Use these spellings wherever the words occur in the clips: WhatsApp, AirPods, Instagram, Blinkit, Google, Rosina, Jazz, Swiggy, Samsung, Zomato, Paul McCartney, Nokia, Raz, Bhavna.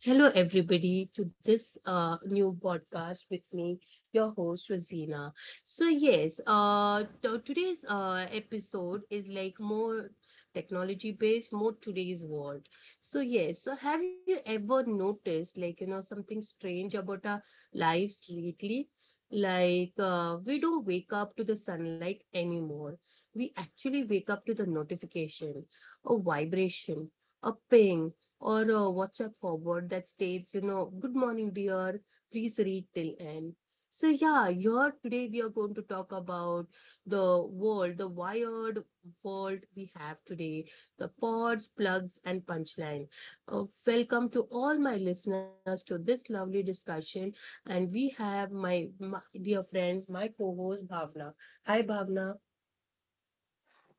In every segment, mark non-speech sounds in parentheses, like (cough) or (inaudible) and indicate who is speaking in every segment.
Speaker 1: Hello, everybody, to this new podcast with me, your host, Rosina. So today's episode is like more technology based, more today's world. So, yes, so have you ever noticed, like, you know, something strange about our lives lately? Like, we don't wake up to the sunlight anymore. We actually wake up to the notification, a vibration, a ping or a WhatsApp forward that states, you know, good morning, dear, please read till end. So, yeah, here today we are going to talk about the wired world we have today, the pods, plugs, and punchline. Welcome to all my listeners to this lovely discussion. And we have my dear friends, my co host, Bhavna. Hi, Bhavna.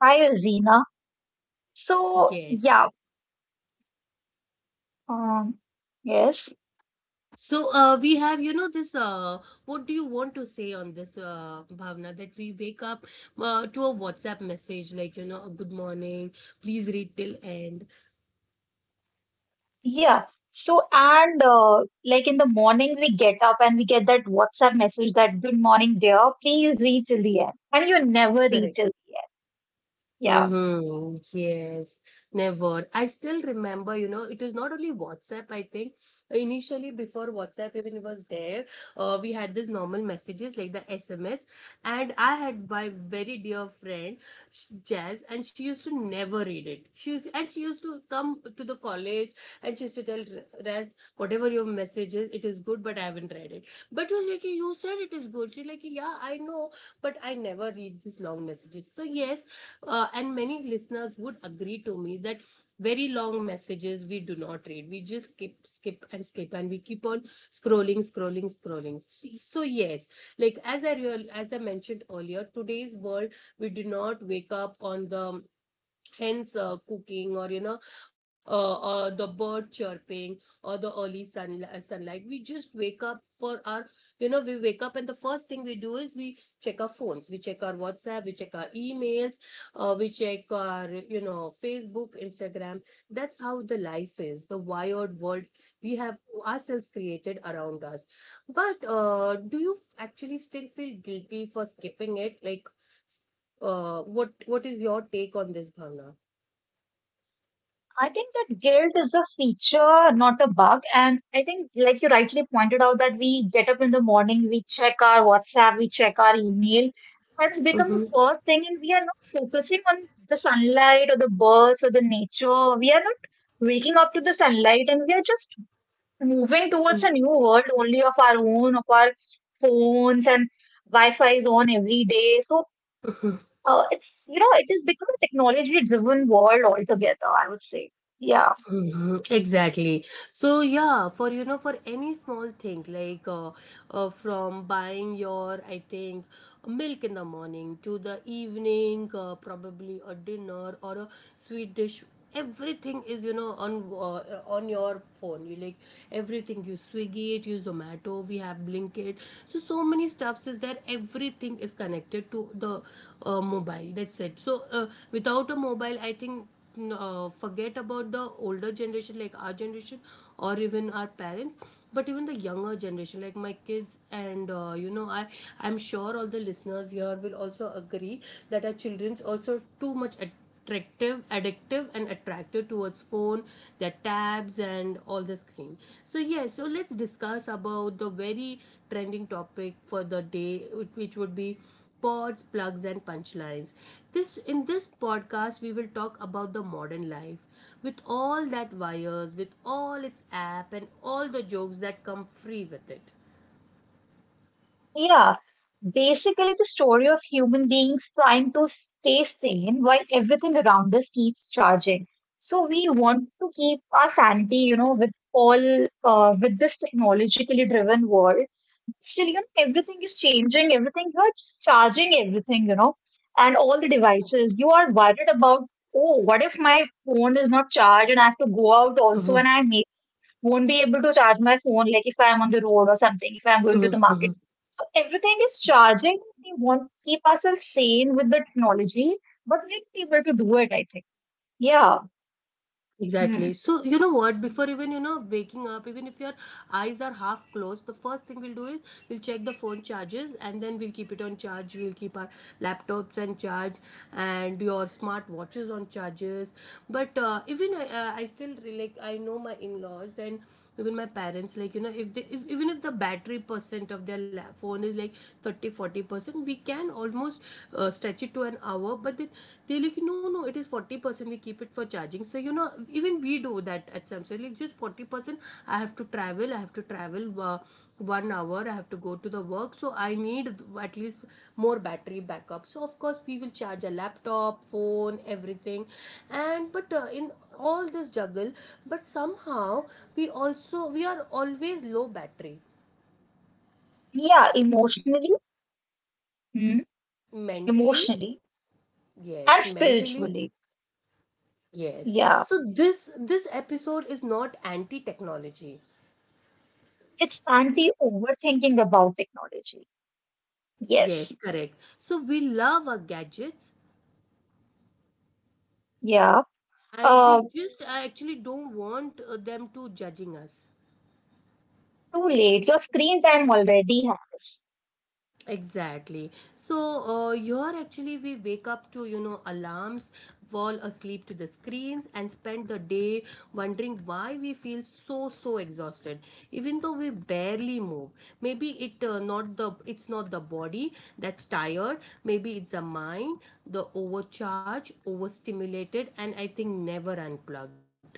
Speaker 2: Hi, Zina. So,
Speaker 1: Yes.
Speaker 2: yeah, um, yes,
Speaker 1: So we have, you know, this. What do you want to say on this, Bhavna? That we wake up to a WhatsApp message like, you know, a good morning, please read till end.
Speaker 2: yeah. So, and Like in the morning, we get up and we get that WhatsApp message that good morning, dear, please read till the end. And you never read
Speaker 1: Correct.
Speaker 2: till the end. Yeah.
Speaker 1: Mm-hmm. Yes, never. I still remember, you know, it was not only WhatsApp, I think. Initially, before WhatsApp even was there, we had this normal messages like the SMS. And I had my very dear friend, Jazz, and she used to never read it. And she used to come to the college and she used to tell Raz, whatever your message is, it is good, but I haven't read it. But it was like, you said it is good. She's like, yeah, I know, but I never read these long messages. So and many listeners would agree to me that very long messages we do not read, we just skip and we keep on scrolling. So yes, like as I mentioned earlier, today's world, we do not wake up on the hence cooking or you know, or the bird chirping or the early sunlight. We just wake up for our, you know, we wake up and the first thing we do is we check our phones, we check our WhatsApp, we check our emails, we check our, you know, Facebook, Instagram. That's how the life is, the wired world we have ourselves created around us. But do you actually still feel guilty for skipping it, like s- what is your take on this, Bhavna?
Speaker 2: I think that guilt is a feature, not a bug. And I think, like you rightly pointed out, that we get up in the morning, we check our WhatsApp, we check our email. That's become the
Speaker 1: Mm-hmm,
Speaker 2: first thing, and we are not focusing on the sunlight or the birds or the nature. We are not waking up to the sunlight, and we are just moving towards a new world only of our own, of our phones and Wi-Fi is on every day. So it's, you know, it has become a technology-driven world altogether, I would say, yeah.
Speaker 1: mm-hmm. Exactly. So yeah, for you know, for any small thing like from buying your, I think, milk in the morning to the evening, probably a dinner or a sweet dish. Everything is, you know, on your phone. You like everything. You Swiggy it, you Zomato. We have Blinkit. So so many stuffs is there. Everything is connected to the mobile. That's it. So without a mobile, I think forget about the older generation like our generation or even our parents, but even the younger generation like my kids and you know, I'm sure all the listeners here will also agree that our children's also too much attractive, addictive and attracted towards phone, their tabs and all the screen. So yeah, so let's discuss about the very trending topic for the day, which would be pods, plugs, and punchlines. This in this podcast we will talk about the modern life with all that wires, with all its app and all the jokes that come free with it.
Speaker 2: Yeah, basically the story of human beings trying to stay sane while everything around us keeps charging. So we want to keep our sanity, you know, with all with this technologically driven world. Still, you know, everything is changing, everything you're just charging everything, you know, and all the devices. You are worried about, oh, what if my phone is not charged and I have to go out also
Speaker 1: Mm-hmm.
Speaker 2: and I make won't be able to charge my phone, like if I'm on the road or something, if I'm going to the market.
Speaker 1: Mm-hmm.
Speaker 2: So everything is charging. We want to keep ourselves sane with the technology, but we're not able to do it, I think. Yeah.
Speaker 1: Exactly. So, you know
Speaker 2: Hmm.
Speaker 1: what? Before even, you know, waking up, even if your eyes are half closed, the first thing we'll do is we'll check the phone charges and then we'll keep it on charge. We'll keep our laptops on charge and your smart watches on charges. But even I still, like, I know my in laws and even my parents, like you know, if they if, even if the battery percent of their phone is like 30, 40 percent, we can almost stretch it to an hour, but then they're like, no no, it is 40 percent, we keep it for charging. So you know, even we do that at Samsung, like just 40 percent, I have to travel 1 hour, I have to go to the work, so I need at least more battery backup. So of course we will charge a laptop, phone, everything. And but in all this juggle, but somehow we are always low battery
Speaker 2: Yeah, emotionally, hmm,
Speaker 1: mentally.
Speaker 2: emotionally
Speaker 1: Yes,
Speaker 2: and
Speaker 1: mentally.
Speaker 2: spiritually.
Speaker 1: Yes,
Speaker 2: Yeah.
Speaker 1: so this episode is not anti technology.
Speaker 2: It's anti-overthinking about technology. Yes.
Speaker 1: Yes, correct. So we love our gadgets
Speaker 2: Yeah.
Speaker 1: and
Speaker 2: Uh,
Speaker 1: we just actually don't want them to judging us.
Speaker 2: too late. Your screen time already has.
Speaker 1: Exactly. So here actually we wake up to, you know, alarms, fall asleep to the screens, and spend the day wondering why we feel so so exhausted, even though we barely move. Maybe it not the it's not the body that's tired. Maybe it's the mind, the overcharged, overstimulated, and I think never unplugged.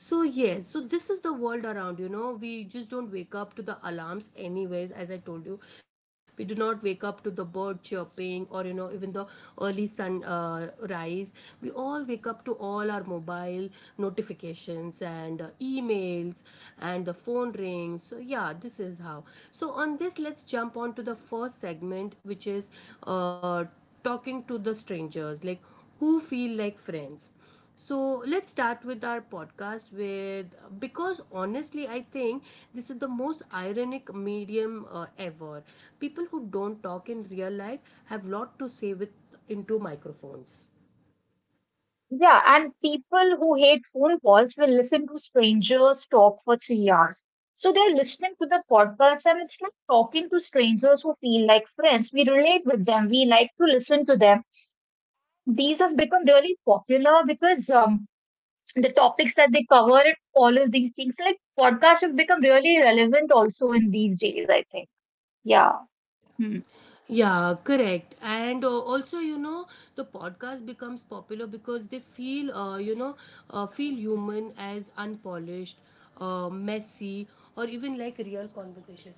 Speaker 1: So yes, so this is the world around, you know. We just don't wake up to the alarms anyways, as I told you. We do not wake up to the bird chirping or you know, even the early sun rise. We all wake up to all our mobile notifications and emails and the phone rings. So yeah, this is how. So on this, let's jump on to the first segment, which is uh talking to the strangers, like who feel like friends. So let's start with our podcast with, because honestly, I think this is the most ironic medium ever. People who don't talk in real life have lot to say with into microphones.
Speaker 2: Yeah, and people who hate phone calls will listen to strangers talk for 3 hours. So they're listening to the podcast, and it's like talking to strangers who feel like friends. We relate with them, we like to listen to them. These have become really popular because the topics that they cover and all of these things, like podcasts, have become really relevant also in these days, I think. Yeah. Hmm.
Speaker 1: Yeah, correct. And also, you know, the podcast becomes popular because they feel, feel human as unpolished, messy, or even like real conversation.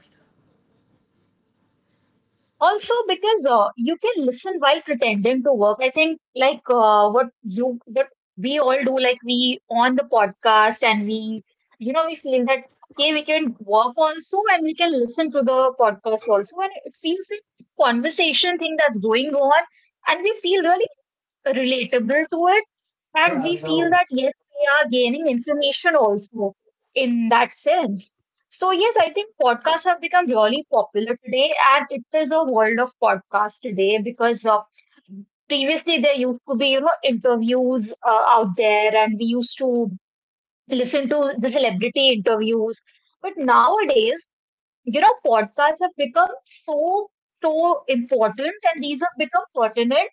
Speaker 2: Also, because you can listen while pretending to work. I think like what you what we all do, like we on the podcast and we, you know, we feel that okay, we can work also and we can listen to the podcast also, and it feels like conversation thing that's going on, and we feel really relatable to it. And we feel that, yes, we are gaining information also in that sense. So, yes, I think podcasts have become really popular today, and it is a world of podcasts today because previously there used to be, you know, interviews out there, and we used to listen to the celebrity interviews. But nowadays, you know, podcasts have become so, so important and these have become pertinent.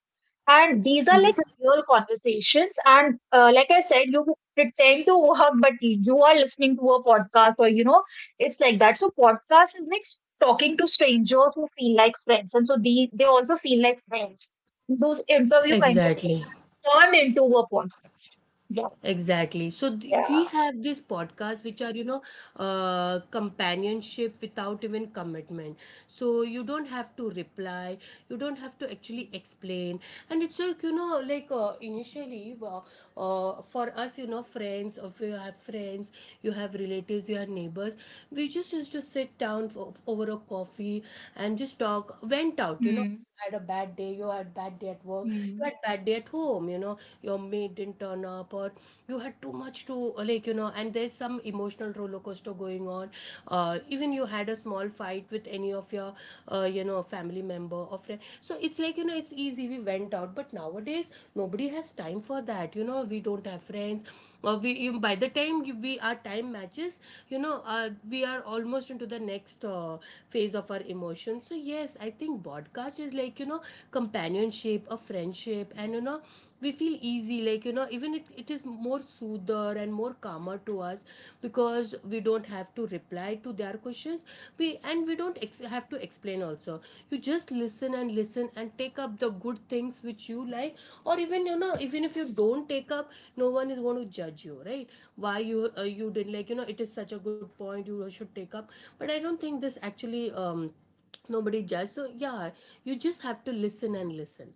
Speaker 2: And these are like real conversations. And like I said, you pretend to work, but you are listening to a podcast or, you know, it's like that. So podcast is like talking to strangers who feel like friends. And so they also feel like friends. Those interview kind
Speaker 1: Exactly.
Speaker 2: of turn into a podcast. Yeah.
Speaker 1: Exactly. So
Speaker 2: Yeah.
Speaker 1: we have these podcasts which are, you know, companionship without even commitment. So you don't have to reply. You don't have to actually explain. And it's like, you know, like initially for us, you know, friends, if you have friends, you have relatives, you have neighbors, we just used to sit down for, over a coffee and just talk, went out, you know,
Speaker 2: Hmm.
Speaker 1: had a bad day, you had bad day at work, you had
Speaker 2: Hmm.
Speaker 1: bad day at home, you know, your maid didn't turn up or you had too much to, like, you know, and there's some emotional roller coaster going on. Even you had a small fight with any of your, you know, family member or friend. So it's like, you know, it's easy, we went out, but nowadays nobody has time for that. You know, we don't have friends, we by the time we our time matches, you know, we are almost into the next phase of our emotion. So yes, I think podcast is like, you know, companionship, a friendship, and you know, we feel easy, like you know, even it is more soother and more calmer to us, because we don't have to reply to their questions, we and we don't ex- have to explain also. You just listen and listen and take up the good things which you like, or even, you know, even if you don't take up, no one is going to judge you, right? Why you you didn't, like you know, it is such a good point you should take up. But I don't think this actually, nobody judge. So yeah, you just have to listen and listen.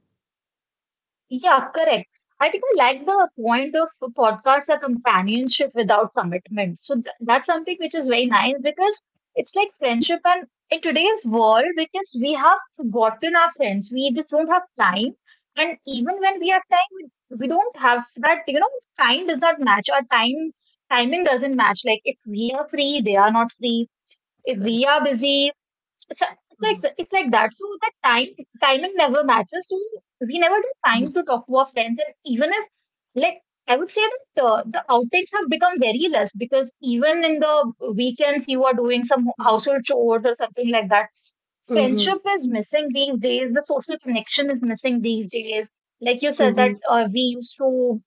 Speaker 2: Yeah, correct. I think I like the point of podcasts are companionship without commitment. So That's something which is very nice because it's like friendship. And in today's world, because we have forgotten our friends, we just don't have time. And even when we have time, we don't have that, you know, time does not match. Our time timing doesn't match. Like if we are free, they are not free. If
Speaker 1: Correct.
Speaker 2: we are busy, it's
Speaker 1: Mhm.
Speaker 2: like that. So that time timing never matches. So we never do time to talk to our friends, and even if, like, I would say that the outings have become very less because even in the weekends you are doing some
Speaker 1: Mhm.
Speaker 2: household chores or something like that.
Speaker 1: Mhm.
Speaker 2: Friendship is missing these days. The social connection is missing these days. Like you said that
Speaker 1: Mhm.
Speaker 2: we used to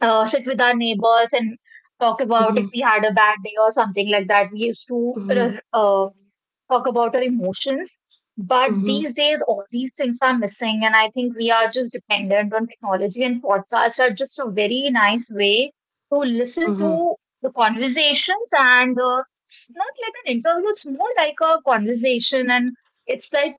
Speaker 2: sit with our neighbors and talk about
Speaker 1: Mhm.
Speaker 2: if we had a bad day or something like that. We used to
Speaker 1: Mhm.
Speaker 2: talk about our emotions. But
Speaker 1: Mhm.
Speaker 2: these days, all these things are missing. And I think we are just dependent on technology, and podcasts are just a very nice way to listen
Speaker 1: Mhm.
Speaker 2: to the conversations. And it's not like an interview, it's more like a conversation. And it's like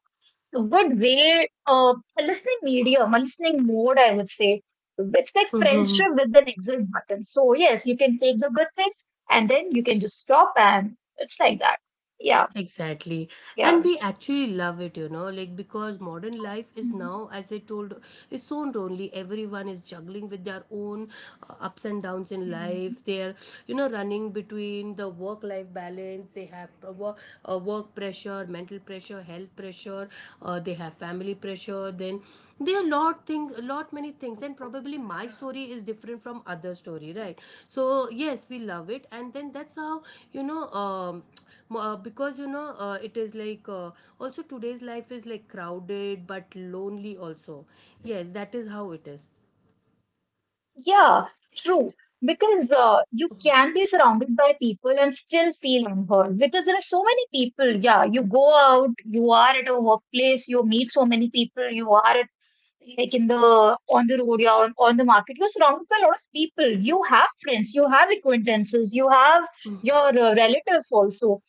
Speaker 2: good way of a listening medium, a listening mode, I would say. It's like
Speaker 1: Mhm.
Speaker 2: friendship with an exit button. So, yes, you can take the good things and then you can just stop and it's like that. Yeah,
Speaker 1: Exactly. And
Speaker 2: yeah.
Speaker 1: we actually love it, you know, like because modern life is
Speaker 2: Mhm.
Speaker 1: now, as I told, is so lonely. Everyone is juggling with their own ups and downs in life.
Speaker 2: Mhm.
Speaker 1: They're, you know, running between the work life balance. They have uh, work pressure, mental pressure, health pressure. They have family pressure. Then there are lot many things. And probably my story is different from other story, right? So yes, we love it. And then that's how, you know, because you know it is like also today's life is like crowded but lonely also. Yes, that is how it is.
Speaker 2: Yeah, true. Because you can be surrounded by people and still feel unheard. Because there are so many people. Yeah, you go out, you are at a workplace, you meet so many people, you are like in the on the road, on the market, you're surrounded by a lot of people, you have friends, you have acquaintances, you have your relatives also.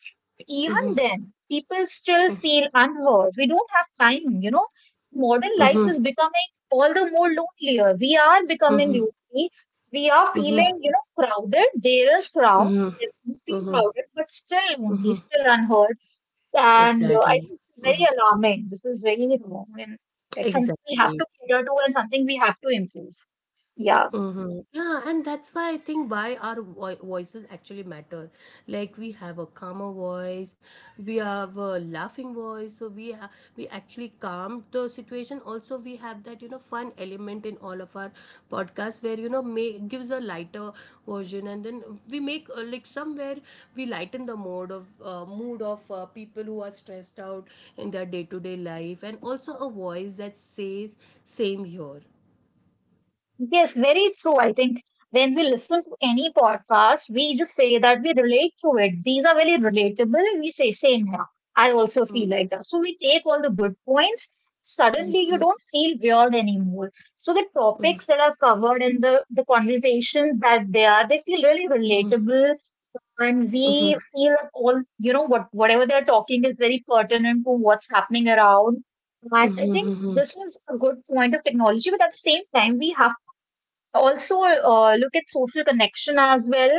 Speaker 2: Even
Speaker 1: mm-hmm,
Speaker 2: then people still feel unheard, we don't have time, you know. Modern life
Speaker 1: mm-hmm,
Speaker 2: is becoming all the more lonelier, we are becoming
Speaker 1: mm-hmm,
Speaker 2: lonely, we are
Speaker 1: mm-hmm,
Speaker 2: feeling, you know, crowded, there is crowd,
Speaker 1: mm-hmm,
Speaker 2: there is
Speaker 1: mm-hmm,
Speaker 2: crowded but still lonely,
Speaker 1: mm-hmm.
Speaker 2: still unheard. And I think
Speaker 1: Exactly.
Speaker 2: this is very
Speaker 1: Mhm.
Speaker 2: alarming. This is very wrong and like something we have to
Speaker 1: Exactly.
Speaker 2: cater to and something we have to improve. Yeah.
Speaker 1: Mm-hmm. Yeah, and that's why I think why our vo voices actually matter. Like we have a calmer voice, we have a laughing voice, so we actually calm the situation. Also, we have that fun element in all of our podcasts where make gives a lighter version, and then we make like somewhere we lighten the mode of mood of people who are stressed out in their day to day life, and also a voice that says same here.
Speaker 2: Yes, very true. I think when we listen to any podcast, we just say that we relate to it. These are very relatable and we say same here. I also feel
Speaker 1: Mm-hmm.
Speaker 2: like that. So we take all the good points. Suddenly you don't feel weird anymore. So the topics
Speaker 1: Mm-hmm.
Speaker 2: that are covered and the conversations that they are, they feel really
Speaker 1: Mhm,
Speaker 2: relatable. And we
Speaker 1: mhm,
Speaker 2: feel that all, you know, what whatever they're talking is very pertinent to what's happening around. And I
Speaker 1: mhm,
Speaker 2: think
Speaker 1: mhm,
Speaker 2: this is a good point of technology, but at the same time, we have to also look at social connection as well.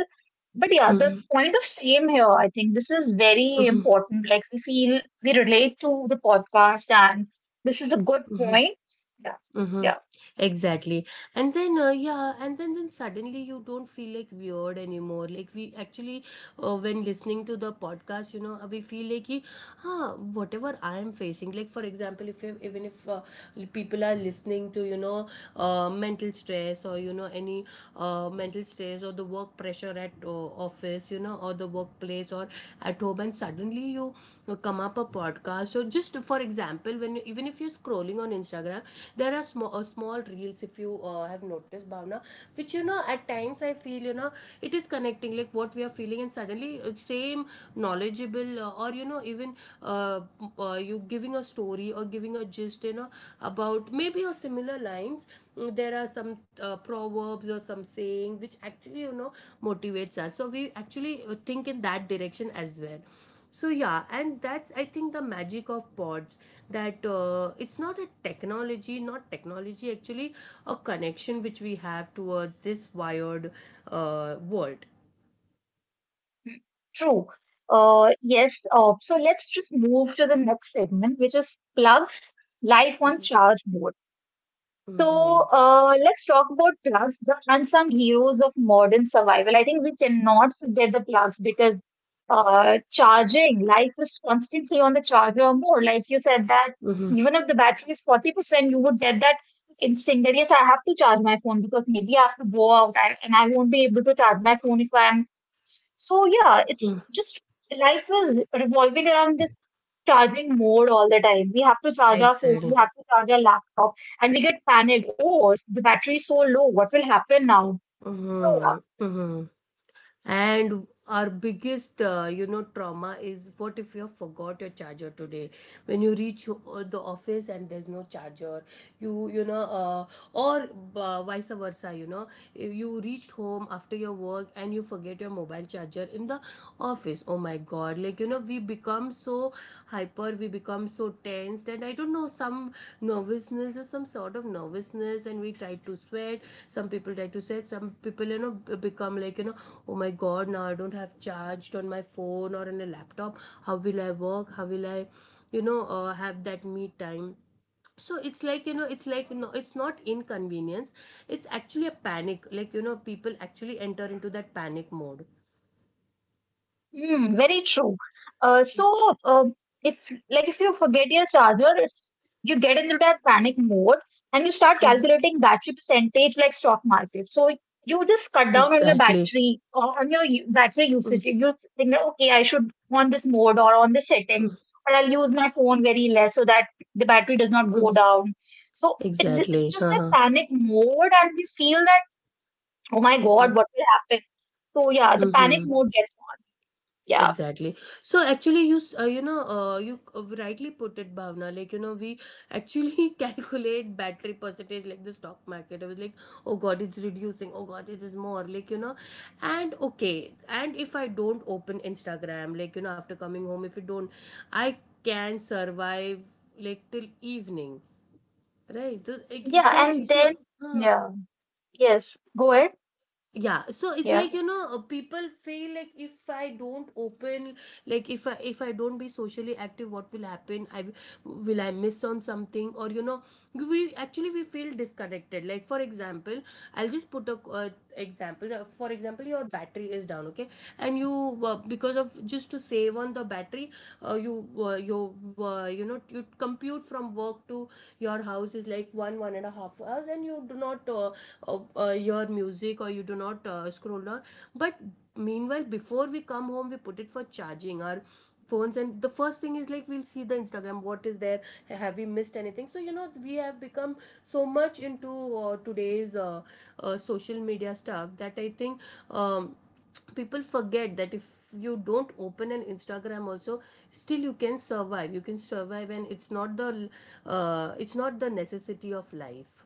Speaker 2: But yeah, the
Speaker 1: mhm,
Speaker 2: point of same here, I think this is very
Speaker 1: mhm,
Speaker 2: important. Like we feel we relate to the podcast, and this is a good
Speaker 1: mhm,
Speaker 2: point. Yeah,
Speaker 1: mhm.
Speaker 2: yeah.
Speaker 1: Exactly. And then, yeah, and then, suddenly you don't feel like weird anymore. Like, we actually, when listening to the podcast, we feel like, कि, huh, whatever I am facing, like, for example, if you, even if people are listening to, mental stress or any mental stress or the work pressure at office or the workplace or at home, and suddenly you come up a podcast. So just for example, even if you're scrolling on Instagram, there are small reels, if you have noticed, Bhavna, which at times I feel it is connecting like what we are feeling. And suddenly same knowledgeable or even uh, you giving a story or giving a gist, about maybe a similar lines. There are some proverbs or some saying which actually motivates us, so we actually think in that direction as well. So yeah, and that's I think the magic of pods, that it's not technology actually, a connection which we have towards this wired world.
Speaker 2: True. Yes. So let's just move to the next segment, which is plugs, life on
Speaker 1: Mm-hmm.
Speaker 2: charge mode.
Speaker 1: Mm-hmm.
Speaker 2: So let's talk about plugs, the unsung heroes of modern survival. I think we cannot forget the plugs because charging, life is constantly on the charger. Or more like you said that
Speaker 1: Mm-hmm.
Speaker 2: even if the battery is 40%, you would get that instinct that yes, I have to charge my phone because maybe I have to go out I, and I won't be able to charge my phone if I am. So yeah, it's just life was revolving around this charging mode all the time. We have to charge our phone, we
Speaker 1: Exactly.
Speaker 2: have to charge our laptop, and we get panicked. Oh, the battery is so low. What will happen now?
Speaker 1: Mm-hmm. Mm-hmm. And our biggest trauma is, what if you have forgot your charger today when you reach the office and there's no charger? you you know uh, or vice versa, you reached home after your work and you forget your mobile charger in the office. Oh my god, like we become so hyper, we become so tensed, and I don't know, some nervousness or some sort of nervousness, and we try to sweat. Some people try to sweat, some people become like, oh my god, now I don't have charged on my phone or on a laptop. How will I work, how will I have that me time? So it's like, no, it's not inconvenience. It's actually a panic. Like people actually enter into that panic mode.
Speaker 2: Hmm, very true. Uh, so, uh, if like if you forget your charger, it's, you get into that panic mode and you start
Speaker 1: Mhm.
Speaker 2: calculating battery percentage like stock market. So you just cut down on your
Speaker 1: Exactly.
Speaker 2: battery or on your battery
Speaker 1: Mm,
Speaker 2: usage. You think that okay, I should on this mode or on this setting,
Speaker 1: mm,
Speaker 2: or I'll use my phone very less so that the battery does not go
Speaker 1: mm.
Speaker 2: down. So it's
Speaker 1: Exactly.
Speaker 2: just that
Speaker 1: Uh-huh.
Speaker 2: panic mode, and we feel that oh my god,
Speaker 1: Mhm.
Speaker 2: what will happen? So yeah, the panic
Speaker 1: Mhm.
Speaker 2: mode gets on. Yeah.
Speaker 1: Exactly. So actually, you s- you know you c- rightly put it, Bhavna. Like we actually (laughs) calculate battery percentage like the stock market. I was like, oh god, it's reducing. Oh god, it is more. Like and okay, and if I don't open Instagram, like after coming home, if you don't, I can survive like till evening, right? So,
Speaker 2: Yeah,
Speaker 1: exactly.
Speaker 2: and
Speaker 1: So.
Speaker 2: then,
Speaker 1: huh
Speaker 2: yeah, yes, go ahead.
Speaker 1: yeah, so it's like,
Speaker 2: Yeah.
Speaker 1: people feel like, if I don't open, if I don't be socially active, what will happen? Will I miss on something? Or we actually, we feel disconnected. Like for example, I'll just put a example. For example, your battery is down, okay, and you, because of just to save on the battery, uh, you uh, you you compute from work to your house is like one and a half hours, and you do not your music, or you do not scroll down. But meanwhile before we come home, we put it for charging our phones, and the first thing is, like, we'll see the Instagram, what is there, have we missed anything. So we have become so much into today's social media stuff, that I think um, people forget that if you don't open an Instagram also, still you can survive, you can survive, and it's not the, necessity of life.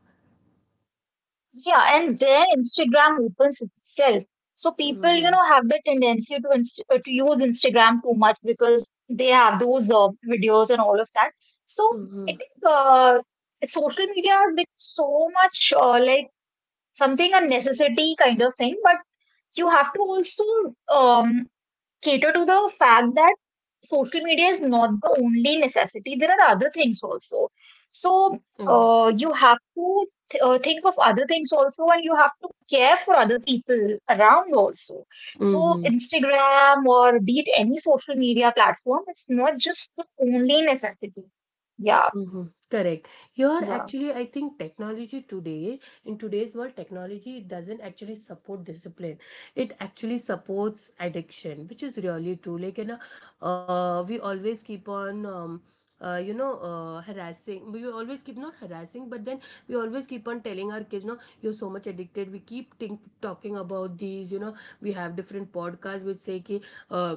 Speaker 2: Yeah, and then Instagram opens itself. So people, you
Speaker 1: Mm-hmm.
Speaker 2: know, have the tendency to inst to use Instagram too much because they have those videos and all of that. So
Speaker 1: Mm-hmm.
Speaker 2: it uh, social media has become so much like something a necessity kind of thing, but you have to also um cater to the fact that social media is not the only necessity. There are other things also. So
Speaker 1: Mhm.
Speaker 2: you have to think of other things also, and you have to care for other people around also. So
Speaker 1: Mhm.
Speaker 2: Instagram or be it any social media platform, it's not just the only necessity. Yeah,
Speaker 1: Mhm. Correct. Here,
Speaker 2: yeah.
Speaker 1: actually, I think technology today, in today's world, technology doesn't actually support discipline. It actually supports addiction, which is really true. Like, we always keep on, harassing. We always keep not harassing, but then we always keep on telling our kids, no, you're so much addicted. We keep talking about these. We have different podcasts which say, ki, uh,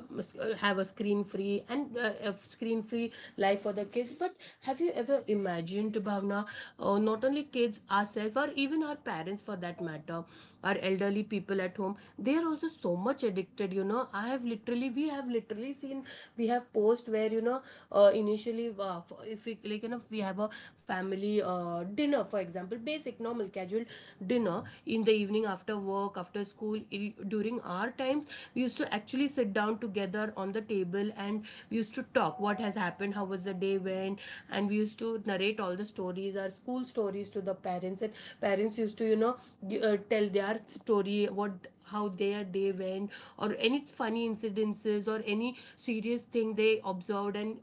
Speaker 1: have a screen free, life for the kids. But have you ever imagined, Bhavna, not only kids, ourselves, or even our parents for that matter, our elderly people at home, they are also so much addicted. We have literally seen, we have posts where, initially, if we, like, you know, we have a family dinner. For example, basic, normal, casual dinner in the evening after work, after school, during our times, we used to actually sit down together on the table, and we used to talk what has happened, how was the day went, and we used to narrate all the stories our school stories to the parents, and parents used to tell their story, what how their day went, or any funny incidences or any serious thing they observed, and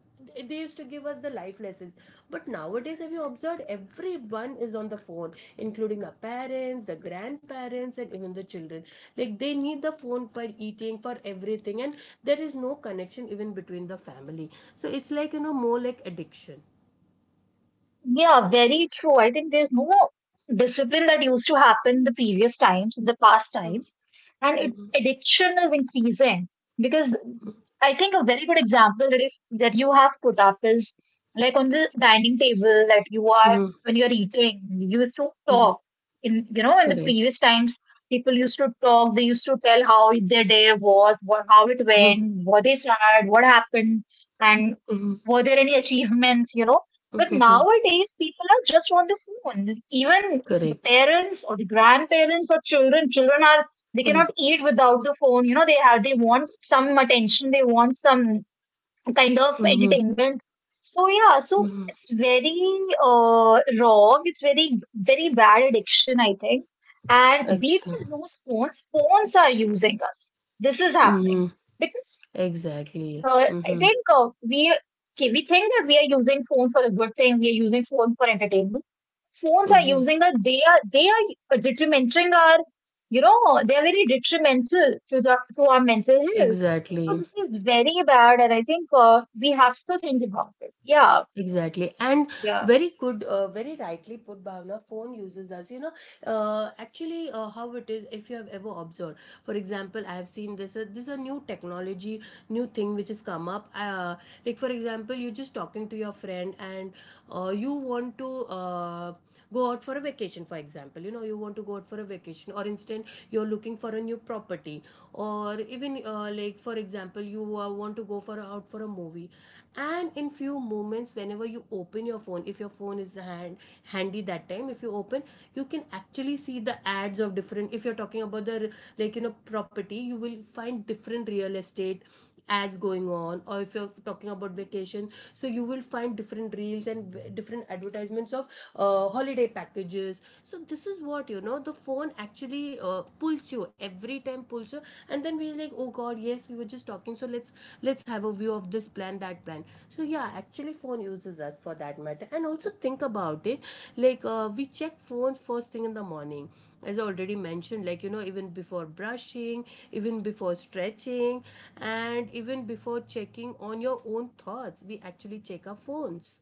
Speaker 1: they used to give us the life lessons. But nowadays, have you observed everyone is on the phone, including the parents, the grandparents, and even the children. Like they need the phone for eating, for everything, and there is no connection even between the family. So it's like, more like addiction.
Speaker 2: Yeah, very true. I think there's no discipline that used to happen the previous times, in the past
Speaker 1: Mhm,
Speaker 2: times, and
Speaker 1: mhm,
Speaker 2: addiction is increasing because I think a very good example that if that you have put up is like on the dining table that you are
Speaker 1: mhm,
Speaker 2: when you're eating, you used to
Speaker 1: mhm.
Speaker 2: talk. In, you know, in the
Speaker 1: Correct.
Speaker 2: previous times, people used to talk. They used to tell how their day was, what how it
Speaker 1: Mhm,
Speaker 2: went, what they had, what happened, and
Speaker 1: mhm,
Speaker 2: were there any achievements? You know
Speaker 1: mhm,
Speaker 2: but
Speaker 1: mhm.
Speaker 2: nowadays, people are just on the phone. Even the
Speaker 1: Correct.
Speaker 2: parents or the grandparents or children, children are they
Speaker 1: Mhm,
Speaker 2: cannot eat without the phone. They want some attention, they want some kind of
Speaker 1: mhm,
Speaker 2: entertainment. So yeah, so
Speaker 1: mhm.
Speaker 2: it's very wrong. It's very very bad addiction, I think. And we
Speaker 1: Actually,
Speaker 2: don't lose phones. Phones are using us. This is happening
Speaker 1: mhm,
Speaker 2: because
Speaker 1: exactly.
Speaker 2: I
Speaker 1: Mhm,
Speaker 2: think we think that we are using phones for a good thing. We are using phones for entertainment. Phones are
Speaker 1: mhm,
Speaker 2: using us. They are detrimenting our. They are very detrimental to our mental health. So
Speaker 1: exactly.
Speaker 2: this is very bad, and I think we have to think about it. Yeah,
Speaker 1: Exactly, and
Speaker 2: yeah.
Speaker 1: very good, very rightly put, Bhavna. Phone uses us. Actually, how it is, if you have ever observed, for example, I have seen this. This is a new technology, new thing which has come up. Like for example, you're just talking to your friend, and you want to uh, go out for a vacation. For example, you want to go out for a vacation, or instead you're looking for a new property, or even like for example, you want to go for out for a movie. And in few moments, whenever you open your phone, if your phone is handy that time, if you open, you can actually see the ads of different, if you're talking about the, like property, you will find different real estate ads going on. Or if you're talking about vacation, so you will find different reels and different advertisements of holiday packages. So this is what, the phone actually pulls you, every time pulls you. And then we're like, oh god, yes, we were just talking, so let's have a view of this plan, that plan. So yeah, actually phone uses us, for that matter. And also think about it, like we check phones first thing in the morning, as I already mentioned, like even before brushing, even before stretching, and even before checking on your own thoughts, we actually check our phones.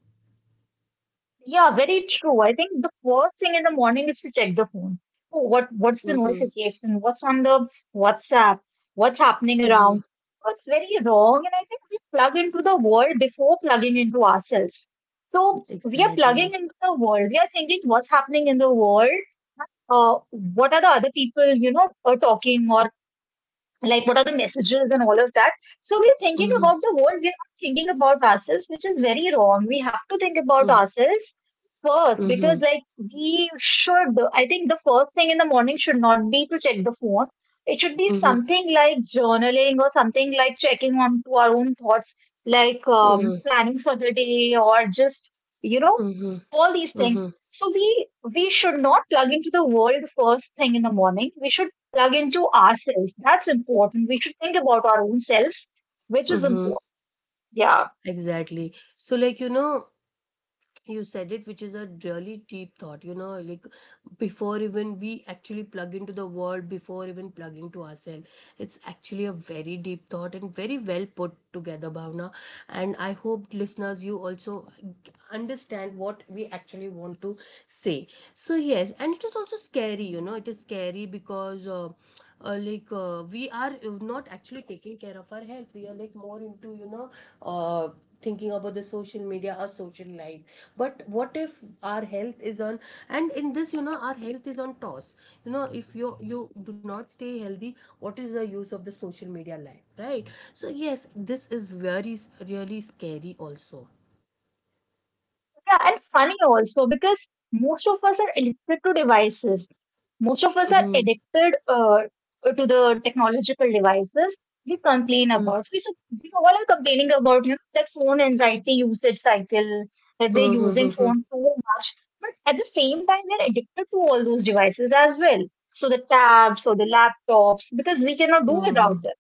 Speaker 2: Yeah, very true. I think the first thing in the morning is to check the phone. Oh, what's the
Speaker 1: Mm-hmm.
Speaker 2: notification? What's on the WhatsApp? What's happening
Speaker 1: Mm-hmm.
Speaker 2: around? What's very wrong? And I think we plug into the world before plugging into ourselves. So we are plugging
Speaker 1: Exactly.
Speaker 2: into the world. We are thinking what's happening in the world. What are the other people are talking, or like, what are the messages and all of that. So we're thinking
Speaker 1: Mm-hmm.
Speaker 2: about the world, we're not thinking about ourselves, which is very wrong. We have to think about
Speaker 1: Mm-hmm.
Speaker 2: ourselves first, because
Speaker 1: Mm-hmm.
Speaker 2: like, we should, I think the first thing in the morning should not be to check the phone. It should be
Speaker 1: Mm-hmm.
Speaker 2: something like journaling or something like checking on to our own thoughts, like planning for the day, or just you know
Speaker 1: Mm-hmm.
Speaker 2: all these things.
Speaker 1: Mm-hmm.
Speaker 2: So we should not plug into the world first thing in the morning. We should plug into ourselves. That's important. We should think about our own selves, which is
Speaker 1: Mm-hmm.
Speaker 2: important. Yeah.
Speaker 1: Exactly. So, like, you said it, which is a really deep thought. Like before even we actually plug into the world, before even plugging to ourselves. It's actually a very deep thought and very well put together, Bhavna. And I hope listeners, you also understand what we actually want to say. So, yes, and it is also scary, it is scary because. Like we are not actually taking care of our health, we are like more into, uh, thinking about the social media or social life. But what if our health is on, and in this, our health is on toss. If you do not stay healthy, what is the use of the social media life, right? So yes, this is very really scary also.
Speaker 2: Yeah. And funny also, because most of us are addicted to devices. Most of us are
Speaker 1: Mm-hmm.
Speaker 2: addicted to the technological devices we complain about. So, we all are complaining about that phone anxiety usage cycle, that they're using
Speaker 1: Mm-hmm.
Speaker 2: phone too much. But at the same time, they're addicted to all those devices as well. So the tabs or the laptops, because we cannot do
Speaker 1: Mm-hmm.
Speaker 2: without
Speaker 1: Mm-hmm.
Speaker 2: them,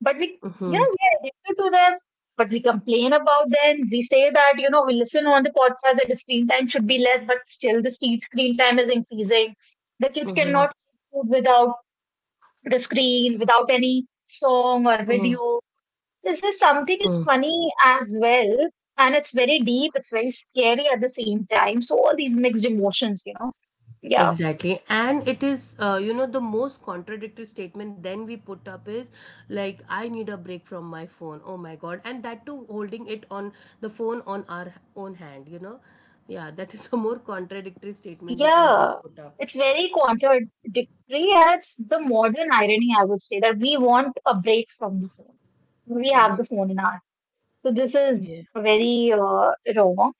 Speaker 2: but we you know we are addicted to them. But we complain about them, we say that we listen on the podcast that the screen time should be less, but still the screen time is increasing. The kids
Speaker 1: Mm-hmm.
Speaker 2: cannot eat food without the screen, without any song or video. This is something, it's
Speaker 1: Mm-hmm.
Speaker 2: funny as well, and it's very deep, it's very scary at the same time. So all these mixed emotions, yeah.
Speaker 1: Exactly. And it is, the most contradictory statement then we put up is, like, I need a break from my phone. Oh my God. And that too, holding it on the phone on our own hand, you know? Yeah, that is (laughs) a more contradictory statement we always
Speaker 2: Yeah,
Speaker 1: put up.
Speaker 2: it's very contradictory, and it's the modern irony, I would say, that we want a break from the phone. We have
Speaker 1: Yeah.
Speaker 2: the phone in our. So this is
Speaker 1: Yeah.
Speaker 2: very wrong.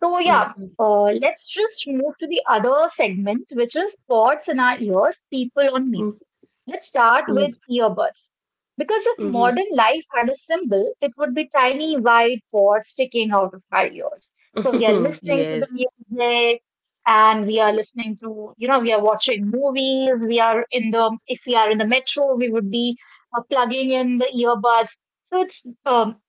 Speaker 2: So yeah,
Speaker 1: Mm-hmm.
Speaker 2: let's just move to the other segment, which is thoughts in our ears, people on mute.
Speaker 1: Mm-hmm.
Speaker 2: Let's start with earbuds. Because if
Speaker 1: Mm-hmm.
Speaker 2: modern life had a symbol, it would be tiny white pods sticking out of our ears. So we are
Speaker 1: (laughs)
Speaker 2: listening to the
Speaker 1: Yes.
Speaker 2: music, and we are listening to, you know, we are watching movies. We are if we are in the metro, we would be plugging in the earbuds. So it's, um,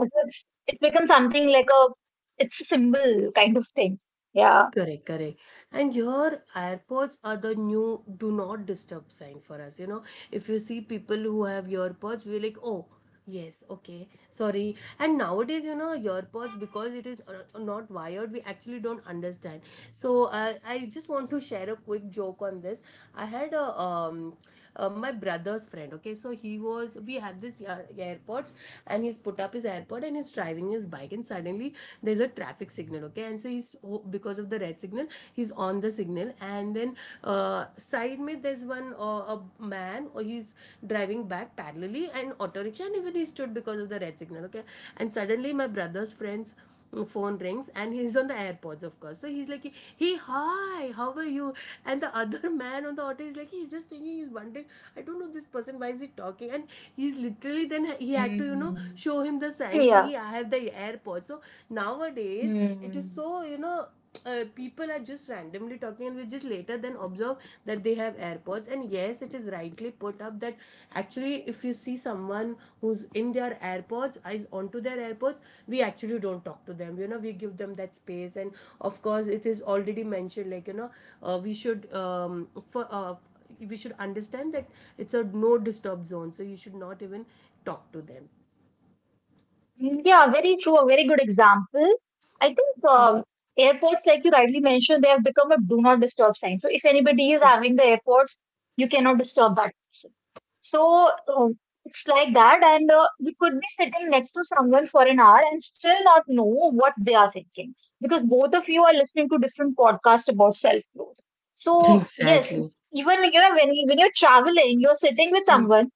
Speaker 2: so it's, it becomes something like a, it's a symbol kind of thing. Yeah.
Speaker 1: Correct, correct. And your AirPods are the new do not disturb sign for us. If you see people who have AirPods, we're like, oh, yes, okay, sorry. And nowadays, AirPods, because it is not wired, we actually don't understand. So I just want to share a quick joke on this. I had a my brother's friend. Okay, so he was we had this airpods, and he's put up his airpod, and he's driving his bike, and suddenly there's a traffic signal. Okay, and so he's, oh, because of the red signal, he's on the signal, and then side me, there's one a man, or he's driving back parallelly, and auto rickshaw, and even he stood because of the red signal. Okay, and suddenly my brother's friend's phone rings, and he's on the airpods, of course, so he's like, hey, hi, how are you? And the other (laughs) man on the auto is like, he's just thinking, he's wondering, I don't know this person, why is he talking? And he's literally then he had to
Speaker 2: Hmm.
Speaker 1: show him the sign,
Speaker 2: Yeah.
Speaker 1: see, I have the airpods. So nowadays it is
Speaker 2: Hmm.
Speaker 1: so, people are just randomly talking, and we just later then observe that they have airpods. And yes, it is rightly put up that actually if you see someone who's in their airpods, is onto their airpods, we actually don't talk to them, we give them that space. And of course, it is already mentioned, like, uh, we should um, for, uh, we should understand that it's a no disturb zone, so you should not even talk to them.
Speaker 2: Yeah, very true. A very good example. I think airports, like you rightly mentioned, they have become a do not disturb sign. So if anybody is having the airports, you cannot disturb that person. So um, it's like that, and you could be sitting next to someone for an hour and still not know what they are thinking, because both of you are listening to different podcasts about self growth. So yes,
Speaker 1: Exactly.
Speaker 2: even when when you're traveling, you're sitting with
Speaker 1: Mm-hmm.
Speaker 2: someone,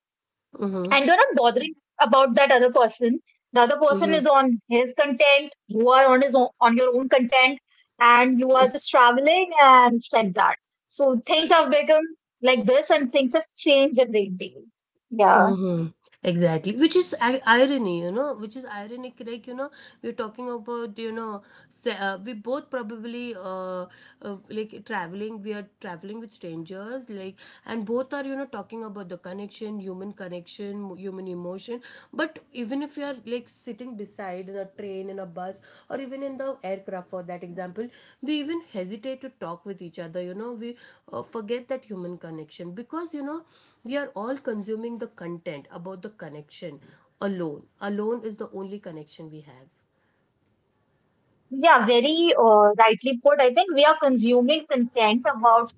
Speaker 1: Mm-hmm.
Speaker 2: and you're not bothering about that other person. The other person is on his content, you are on your own content, and you are just traveling, and it's like that. So things have become like this, and things have changed a great deal. Yeah,
Speaker 1: Mhm. Exactly, which is irony, which is ironic. Like, we're talking about, we both probably like traveling. We are traveling with strangers, like, and both are talking about the connection, human connection, human emotion, but even if you are like sitting beside in a train, in a bus, or even in the aircraft, for that example, we even hesitate to talk with each other, we forget that human connection, because we are all consuming the content about the connection alone. Alone is the only connection we have.
Speaker 2: yeah, very rightly put. I think we are consuming content about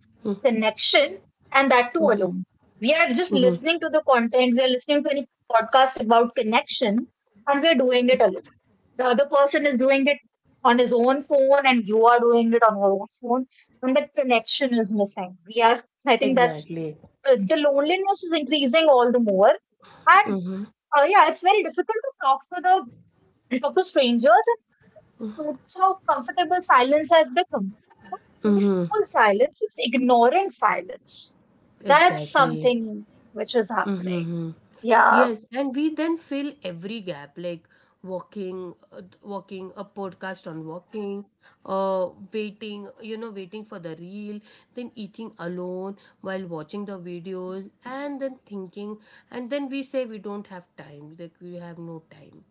Speaker 2: connection, and that too alone. We are just
Speaker 1: Mm-hmm.
Speaker 2: listening to the content. We are listening to any podcast about connection, and we are doing it alone. The other person is doing it on his own phone, and you are doing it on your own phone, and that connection is missing. We are I think that's
Speaker 1: Exactly.
Speaker 2: the loneliness is increasing all the more. And
Speaker 1: Mm-hmm.
Speaker 2: yeah, it's very difficult to talk to the talk to strangers. And it's how comfortable silence has become. Not
Speaker 1: Mm-hmm.
Speaker 2: peaceful silence, it's ignorant silence. That's
Speaker 1: Exactly.
Speaker 2: something which is happening.
Speaker 1: Mm-hmm.
Speaker 2: Yeah.
Speaker 1: Yes, and we then fill every gap like walking, walking, a podcast on walking, waiting, waiting for the reel, then eating alone while watching the videos, and then thinking, and then we say we don't have time, like we have no time.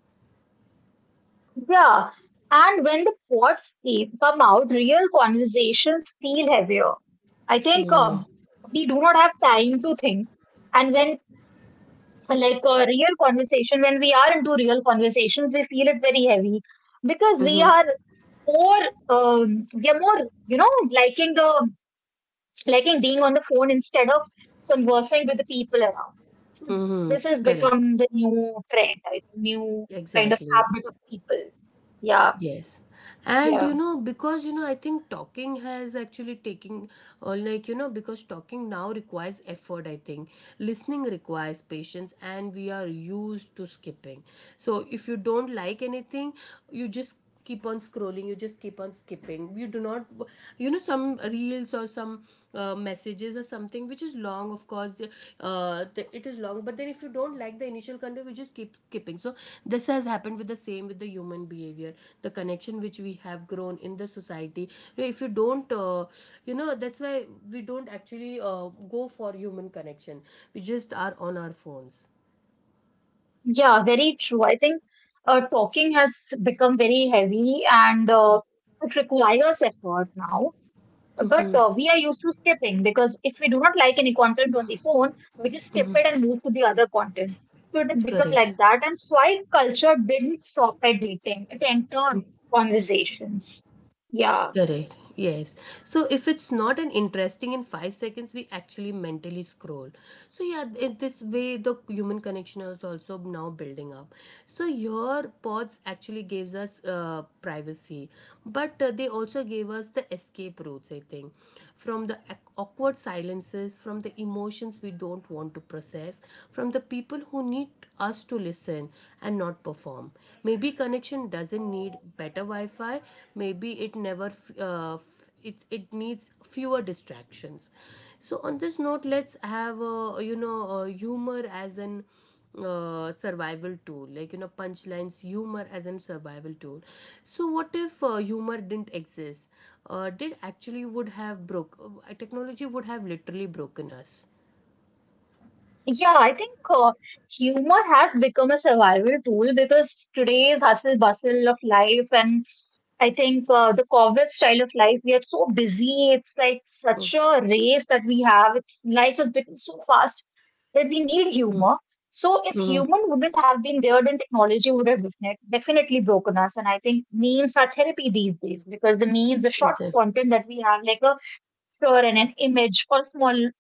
Speaker 2: Yeah. And when the pods come out, real conversations feel heavier. I think
Speaker 1: Mm-hmm.
Speaker 2: we do not have time to think. And when, like, a real conversation, when we are into real conversations, we feel it very heavy, because we
Speaker 1: Mm-hmm.
Speaker 2: are more, um, we are more, you know, liking the, liking being on the phone instead of conversing with the people around. So
Speaker 1: Mm-hmm.
Speaker 2: this has
Speaker 1: Correct.
Speaker 2: become the new trend, I think, new kind of
Speaker 1: Exactly.
Speaker 2: habit of people. Yeah,
Speaker 1: Yes. And,
Speaker 2: yeah.
Speaker 1: because, I think talking has actually taking, or like, because talking now requires effort, I think. Listening requires patience, and we are used to skipping. So if you don't like anything, you just keep on scrolling, you just keep on skipping, you do not some reels or some messages or something which is long. Of course, uh, it is long, but then if you don't like the initial content, we just keep skipping. So this has happened, with the same with the human behavior, the connection which we have grown in the society. So, if you don't that's why we don't actually go for human connection, we just are on our phones.
Speaker 2: Yeah, very true. I think talking has become very heavy, and it requires effort now. But
Speaker 1: Mm-hmm.
Speaker 2: we are used to skipping, because if we do not like any content on the phone, we just skip it and move to the other content. So it had become
Speaker 1: Correct.
Speaker 2: like that. And swipe culture didn't stop at dating, it entered conversations. Yeah.
Speaker 1: Correct. Yes. So if it's not an interesting in 5 seconds, we actually mentally scroll. So yeah, in this way, the human connection is also now building up. So your pods actually gives us privacy, but they also gave us the escape routes. I think from the awkward silences, from the emotions we don't want to process, from the people who need us to listen and not perform. Maybe connection doesn't need better Wi-Fi, maybe it never, uh, it needs fewer distractions. So, on this note, let's have humor as an survival tool, like, punchlines, humor as an survival tool. So what if humor didn't exist, did actually would have broke, technology would have literally broken us.
Speaker 2: Yeah, I think humor has become a survival tool, because today's hustle bustle of life, and I think the COVID style of life, we are so busy. It's like such a race that we have. It's life has become so fast that we need
Speaker 1: Mm-hmm.
Speaker 2: humor. So if
Speaker 1: Mm-hmm.
Speaker 2: human wouldn't have been there, then technology would have definitely broken us. And I think memes are therapy these days, because the memes, the short
Speaker 1: Exactly.
Speaker 2: content that we have, like a picture and an image or small,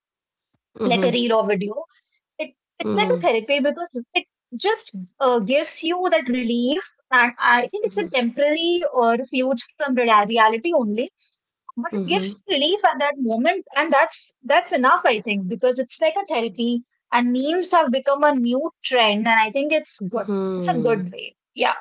Speaker 2: like
Speaker 1: Mm-hmm.
Speaker 2: a reel or video, it it's like
Speaker 1: Mm-hmm.
Speaker 2: a therapy, because it just gives you that relief. And I think it's
Speaker 1: Mm-hmm.
Speaker 2: a temporary refuge from reality only, but it
Speaker 1: Mm-hmm.
Speaker 2: gives relief at that moment, and that's enough, I think, because it's like a therapy. And memes have become a new trend, and I think it's good, it's a
Speaker 1: Hmm,
Speaker 2: good way. Yeah,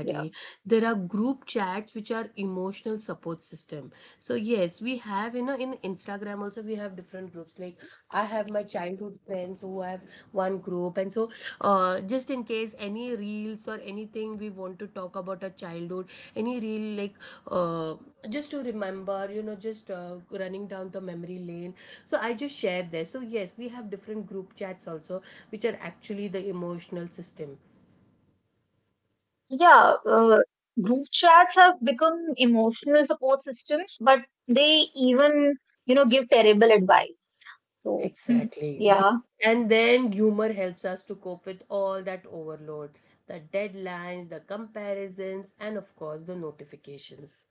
Speaker 2: yeah,
Speaker 1: There are group chats which are emotional support system. So yes, we have in Instagram also, we have different groups. Like, I have my childhood friends who have one group, and so, just in case any reels or anything, we want to talk about our childhood, any reel, like, uh, just to remember, just running down the memory lane. So I just share there. So yes, we have different group chats also, which are actually the emotional system.
Speaker 2: yeah. Group chats have become emotional support systems, but they even give terrible advice. So, hmm,
Speaker 1: Exactly.
Speaker 2: yeah.
Speaker 1: And then humor helps us to cope with all that overload, the deadlines, the comparisons, and of course the notifications.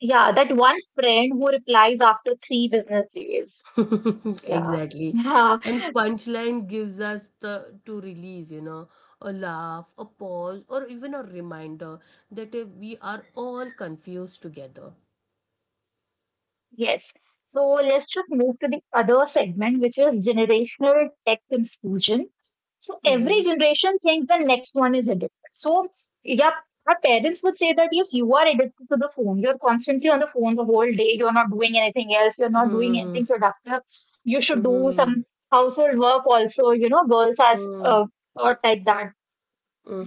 Speaker 2: Yeah, that one friend who replies after 3 business days.
Speaker 1: (laughs)
Speaker 2: Yeah.
Speaker 1: Exactly.
Speaker 2: Yeah.
Speaker 1: And
Speaker 2: (laughs)
Speaker 1: punchline gives us the to release, a laugh, a pause, or even a reminder that we are all confused together.
Speaker 2: Yes. So let's just move to the other segment, which is generational tech confusion. So every
Speaker 1: Mm-hmm.
Speaker 2: generation thinks the next one is addicted. So, yeah, our parents would say that, yes, you are addicted to the phone. You're constantly on the phone the whole day. You're not doing anything else. You're not doing
Speaker 1: Mm-hmm.
Speaker 2: anything productive. You should do
Speaker 1: Mm-hmm.
Speaker 2: some household work also. Girls are
Speaker 1: Mm-hmm.
Speaker 2: uh, taught like that.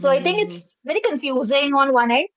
Speaker 2: So I think
Speaker 1: Mm-hmm.
Speaker 2: it's very confusing on one end.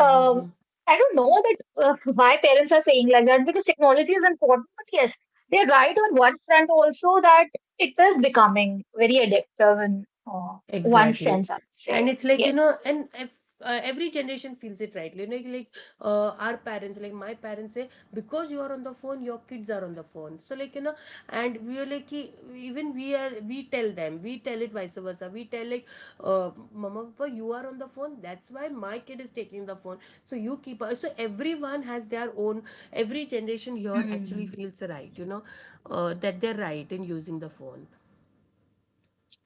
Speaker 2: Um, I don't know that why parents are saying like that, because technology is important, but yes, they're right on one front also, that it is becoming very addictive in uh, one
Speaker 1: Exactly.
Speaker 2: sense, I would say.
Speaker 1: And it's like,
Speaker 2: Yes.
Speaker 1: and if, every generation feels it right. Our parents, like my parents say, because you are on the phone, your kids are on the phone. So, like, and we are like, even we are, we tell them, we tell it vice versa. We tell, like, Mama, Papa, you are on the phone. That's why my kid is taking the phone. So, you keep, so everyone has their own, every generation here actually
Speaker 2: Hmm.
Speaker 1: feels right, that they're right in using the phone.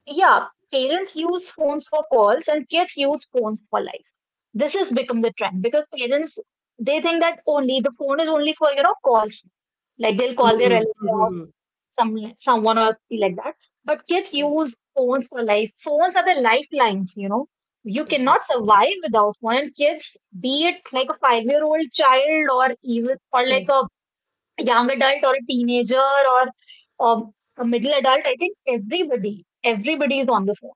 Speaker 2: Yeah, parents use phones for calls and kids use phones for life. This has become the trend, because parents, they think that only the phone is only for calls. Like they'll call their
Speaker 1: Mhm, mhm,
Speaker 2: relatives
Speaker 1: mhm.
Speaker 2: someone or be like that. But kids
Speaker 1: Mm,
Speaker 2: use phones for life. Phones are the lifelines, you know. You
Speaker 1: exactly.
Speaker 2: cannot survive without one. And kids, be it like a 5-year-old child, or like
Speaker 1: Oh,
Speaker 2: a young adult or a teenager or um, a middle adult, I think everybody, everybody is on the phone.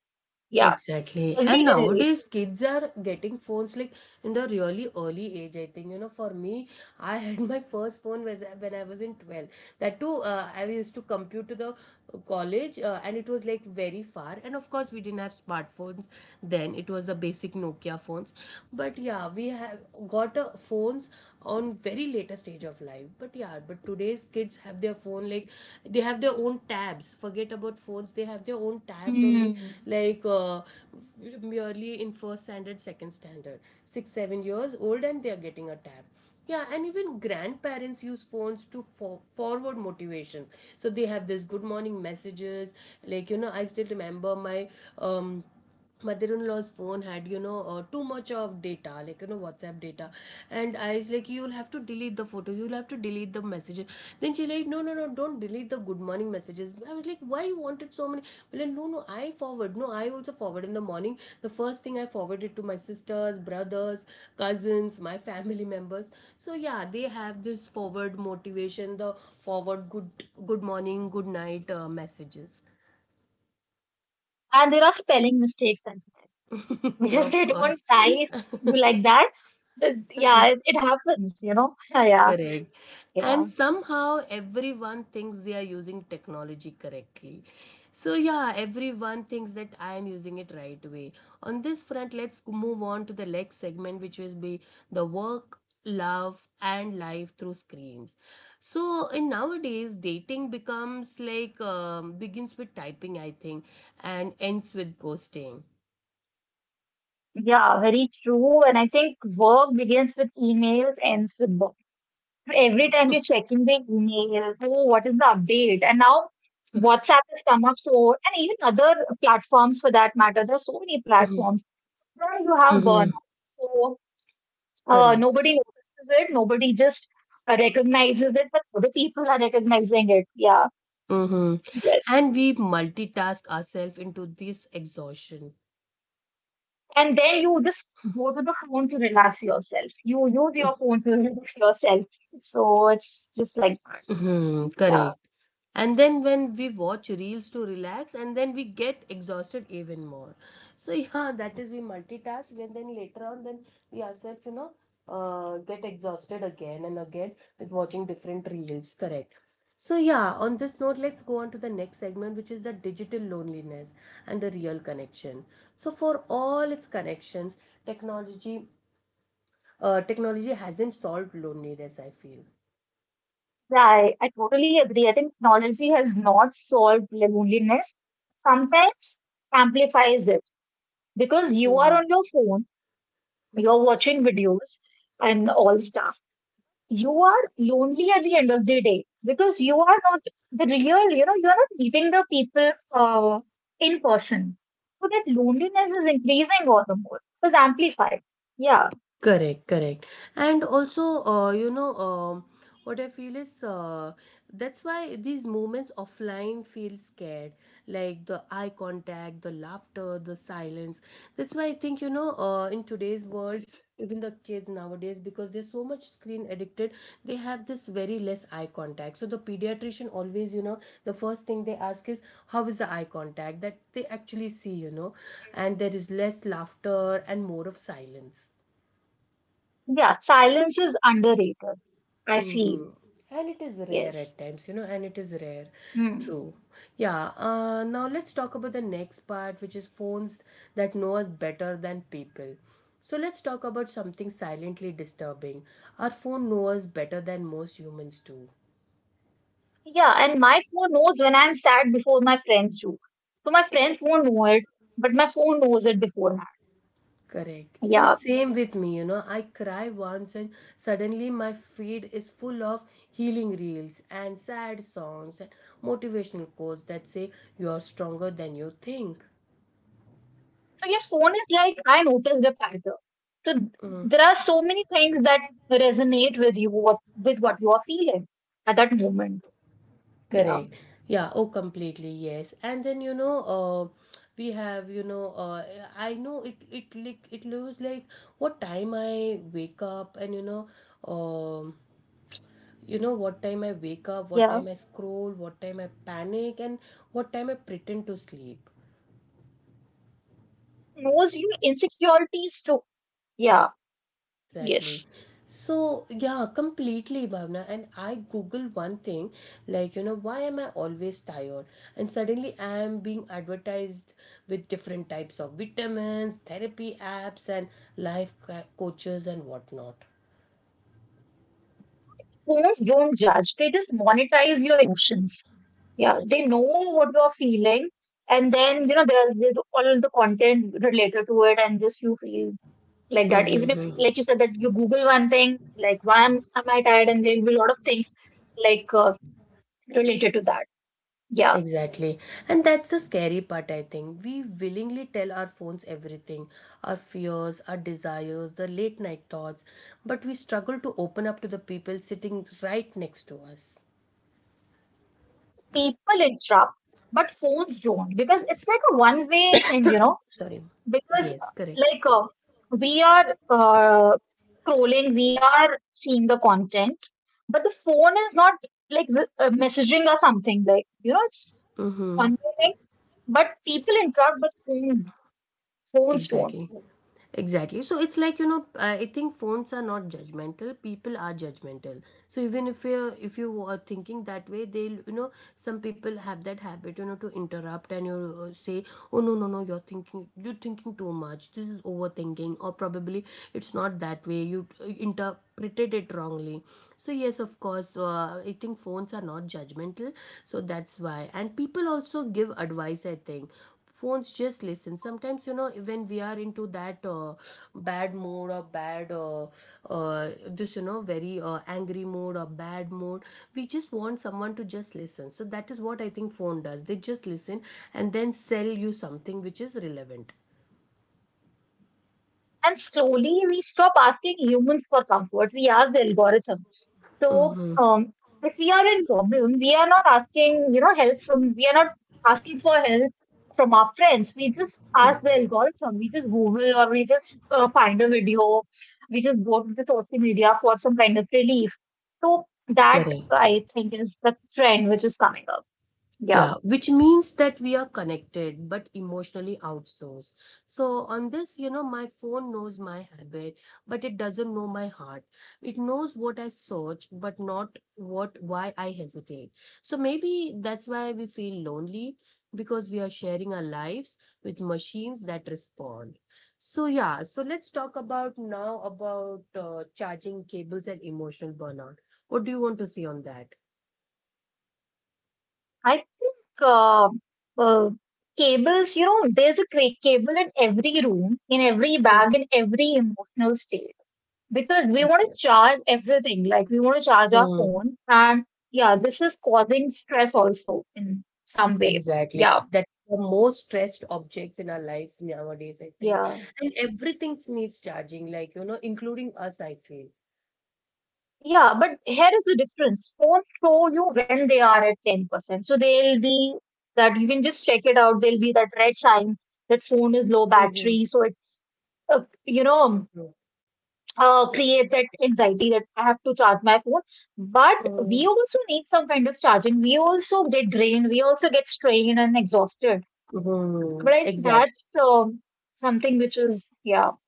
Speaker 2: Yeah,
Speaker 1: exactly.
Speaker 2: every
Speaker 1: And
Speaker 2: generation.
Speaker 1: nowadays, kids are getting phones like in the really early age. I think, for me, I had my first phone was when I was in 12. That too, I used to commute to the college, and it was like very far. And of course, we didn't have smartphones then. It was the basic Nokia phones. But yeah, we have got phones on very later stage of life. But yeah, but today's kids have their phone, like, they have their own tabs. Forget about phones. They have their own tabs only,
Speaker 2: Hmm.
Speaker 1: like, merely in first standard, second standard, 6, 7 years old, and they are getting a tab. Yeah, and even grandparents use phones to forward motivation. So they have this good morning messages. Like, I still remember my um, mother-in-law's phone had, too much of data, like, WhatsApp data. And I was like, you'll have to delete the photos. You'll have to delete the messages. Then she like, no, no, no, don't delete the good morning messages. I was like, why you wanted so many? But like, no, no, I forward. No, I also forward in the morning. The first thing I forwarded to my sisters, brothers, cousins, my family members. So yeah, they have this forward motivation, the forward good morning, good night, messages.
Speaker 2: And there are spelling mistakes as well (laughs)
Speaker 1: (laughs)
Speaker 2: because
Speaker 1: Of
Speaker 2: they don't
Speaker 1: course.
Speaker 2: type like that. But
Speaker 1: (laughs)
Speaker 2: yeah, it happens. (laughs) Yeah,
Speaker 1: Correct. And
Speaker 2: yeah.
Speaker 1: somehow everyone thinks they are using technology correctly. So, yeah, everyone thinks that I am using it right way. On this front, let's move on to the next segment, which will be the work, love, and life through screens. So, in nowadays, dating becomes like, begins with typing, I think, and ends with ghosting.
Speaker 2: Yeah, very true. And I think work begins with emails, ends with work. Every time you're checking the email, oh, what is the update? And now
Speaker 1: (laughs)
Speaker 2: WhatsApp has come up so, and even other platforms for that matter. There's so many
Speaker 1: Mhm,
Speaker 2: platforms where you have burnout.
Speaker 1: mhm,
Speaker 2: So
Speaker 1: correct.
Speaker 2: nobody notices it. Nobody just recognizes it, but other people are recognizing it. Yeah,
Speaker 1: Mm-hmm.
Speaker 2: yes.
Speaker 1: And we multitask ourselves into this exhaustion.
Speaker 2: And then you just go to the phone to relax yourself. You use your phone to (laughs) relax yourself. So it's just like.
Speaker 1: Mm-hmm.
Speaker 2: Yeah.
Speaker 1: Correct. And then when we watch reels to relax, and then we get exhausted even more. So (laughs) yeah, that is, we multitask, and then later on, then we ourselves, get exhausted again and again with watching different reels. Correct. So yeah, on this note, let's go on to the next segment, which is the digital loneliness and the real connection. So for all its connections, technology technology hasn't solved loneliness, I feel.
Speaker 2: Right, I totally agree. I think technology has not solved loneliness. Sometimes amplifies it because you are
Speaker 1: Mm-hmm.
Speaker 2: on your phone, you're watching videos and all stuff. You are lonely at the end of the day because you are not the real, you're not meeting the people in person. So that loneliness is increasing all the more. It's amplified. Yeah,
Speaker 1: Correct, correct. And also, what I feel is, that's why these moments offline feel scared, like the eye contact, the laughter, the silence. That's why I think, in today's world, even the kids nowadays, because they're so much screen addicted, they have this very less eye contact. So the pediatrician always, the first thing they ask is, how is the eye contact that they actually see, and there is less laughter and more of silence.
Speaker 2: yeah, silence is underrated, I feel.
Speaker 1: Mm-hmm. And it is rare
Speaker 2: Yes.
Speaker 1: at times, and it is rare.
Speaker 2: Hmm.
Speaker 1: True. Yeah. Now let's talk about the next part, which is phones that know us better than people. So let's talk about something silently disturbing. Our phone knows us better than most humans do.
Speaker 2: Yeah, and my phone knows when I'm sad before my friends do. So my friends won't know it, but my phone knows it beforehand.
Speaker 1: Correct. And
Speaker 2: Yeah.
Speaker 1: same with me, I cry once, and suddenly my feed is full of healing reels and sad songs and motivational quotes that say, you are stronger than you think.
Speaker 2: So your phone is like, I noticed the pattern. So th- there are so many things that resonate with you, what, with what you are feeling at that moment. Yeah.
Speaker 1: Correct. Yeah. Oh, completely. Yes. And then, we have, I know it. It looks like what time I wake up, and, um, you know what time I wake up, what
Speaker 2: Yeah.
Speaker 1: time I scroll, what time I panic, and what time I pretend to sleep.
Speaker 2: Knows your insecurities too. Yeah.
Speaker 1: Exactly.
Speaker 2: Yes.
Speaker 1: So, yeah, completely, Bhavna. And I Google one thing, like, why am I always tired? And suddenly I am being advertised with different types of vitamins, therapy apps, and coaches and whatnot.
Speaker 2: Phones don't judge, they just monetize your emotions. Yeah, they know what you're feeling, and then there's all the content related to it, and just you feel like that. Even if,
Speaker 1: Mm-hmm.
Speaker 2: like you said, that you Google one thing, like why am I tired, and there will be a lot of things like related to that. Yeah.
Speaker 1: Exactly. And that's the scary part, I think. We willingly tell our phones everything, our fears, our desires, the late night thoughts, but we struggle to open up to the people sitting right next to us.
Speaker 2: So people interrupt, but phones don't because it's like a one-way thing,
Speaker 1: Sorry.
Speaker 2: because
Speaker 1: Yes, correct.
Speaker 2: we are scrolling, we are seeing the content, but the phone is not like messaging or something, like it's
Speaker 1: Mm-hmm.
Speaker 2: one thing, but people interact with phone, phones don't.
Speaker 1: Exactly. Exactly. So it's like, I think phones are not judgmental. People are judgmental. So even if you are thinking that way, they'll some people have that habit to interrupt and you say, oh no, no, no, you're thinking too much. This is overthinking, or probably it's not that way. You interpreted it wrongly. So yes, of course, I think phones are not judgmental. So that's why, and people also give advice. I think phones just listen sometimes, when we are into that bad mood or bad this you know very angry mode or bad mode. We just want someone to just listen. So that is what I think phone does. They just listen and then sell you something which is relevant.
Speaker 2: And slowly we stop asking humans for comfort, we ask the algorithm. So,
Speaker 1: Mm-hmm.
Speaker 2: if we are in problem, we are not asking, help from, we are not asking for help from our friends. We just ask the algorithm. We just Google or we just find a video. We just go to the social media for some kind of relief. So that
Speaker 1: Correct.
Speaker 2: I think is the trend which is coming up. Yeah.
Speaker 1: Yeah, which means that we are connected but emotionally outsourced. So, on this, my phone knows my habit, but it doesn't know my heart. It knows what I search, but not what why I hesitate. So, maybe that's why we feel lonely, because we are sharing our lives with machines that respond. So, yeah, so let's talk about now about charging cables and emotional burnout. What do you want to see on that?
Speaker 2: I think uh, cables. You know, there's a cable in every room, in every bag, in every emotional state, because we want to charge everything, like we want to charge our
Speaker 1: Mm.
Speaker 2: phone. And yeah, this is causing stress also in some way.
Speaker 1: Exactly.
Speaker 2: Yeah.
Speaker 1: That the most stressed objects in our lives nowadays, I think.
Speaker 2: Yeah.
Speaker 1: And everything needs charging, like, you know, including us, I feel.
Speaker 2: Yeah, but here is the difference: phones show you when they are at 10%, so they'll be, that you can just check it out, there'll be that red sign that phone is low
Speaker 1: Mm-hmm,
Speaker 2: battery. So it uh, you know
Speaker 1: mm-hmm,
Speaker 2: creates that anxiety that I have to charge my phone. But we
Speaker 1: mm-hmm,
Speaker 2: also need some kind of charging. We also get drained. We also get strained and exhausted.
Speaker 1: mm-hmm.
Speaker 2: But I think
Speaker 1: Exactly.
Speaker 2: that's something which is, yeah,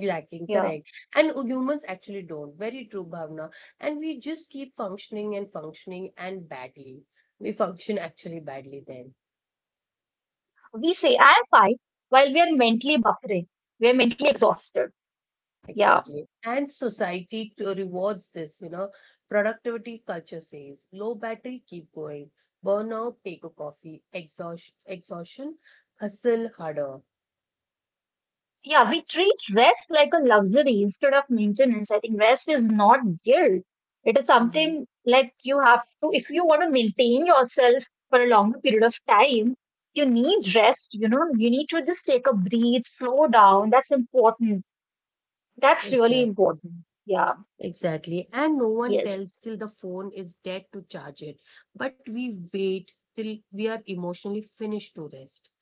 Speaker 1: Lacking,
Speaker 2: yeah.
Speaker 1: correct. And humans actually don't. Very true, Bhavna. And we just keep functioning and functioning and badly. We function actually badly then.
Speaker 2: We say, I'm fine, while we are mentally buffering. We are mentally exhausted. Yeah,
Speaker 1: Exactly. And society to rewards this, you know. Productivity culture says low battery, keep going. Burnout, take a coffee. Exhaust, exhaustion, hustle harder.
Speaker 2: yeah. We treat rest like a luxury instead of maintenance. I think rest is not guilt. It is
Speaker 1: Mhm.
Speaker 2: something like you have to, if you want to maintain yourself for a longer period of time, you need rest. You know, you need to just take a breathe, slow down. That's important. That's really
Speaker 1: Exactly.
Speaker 2: important. Yeah,
Speaker 1: Exactly. And no one
Speaker 2: yes.
Speaker 1: tells till the phone is dead to charge it. But we wait till we are emotionally finished to rest.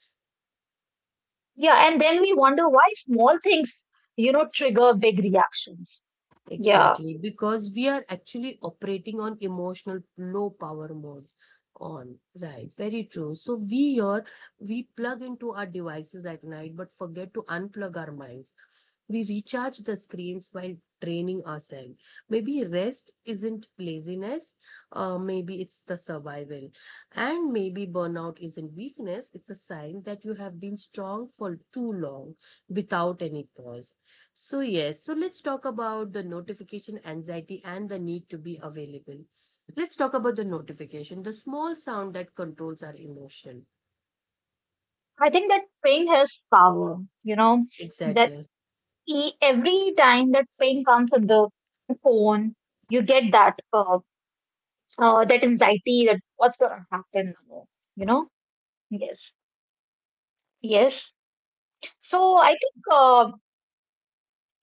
Speaker 2: Yeah, and then we wonder why small things, you know, trigger big reactions. Yeah,
Speaker 1: Exactly, because we are actually operating on emotional low power mode on. Right, very true. So we are, we plug into our devices at night but forget to unplug our minds. We recharge the screens while training ourselves. Maybe rest isn't laziness. Maybe it's the survival. And maybe burnout isn't weakness. It's a sign that you have been strong for too long without any pause. So, yes, so let's talk about the notification anxiety and the need to be available. Let's talk about the notification, the small sound that controls our emotion.
Speaker 2: I think that pain has power, you know, that
Speaker 1: Exactly.
Speaker 2: e every time that pain comes on the phone, you get that that anxiety that what's gonna happen now, you know? Yes, yes. So I think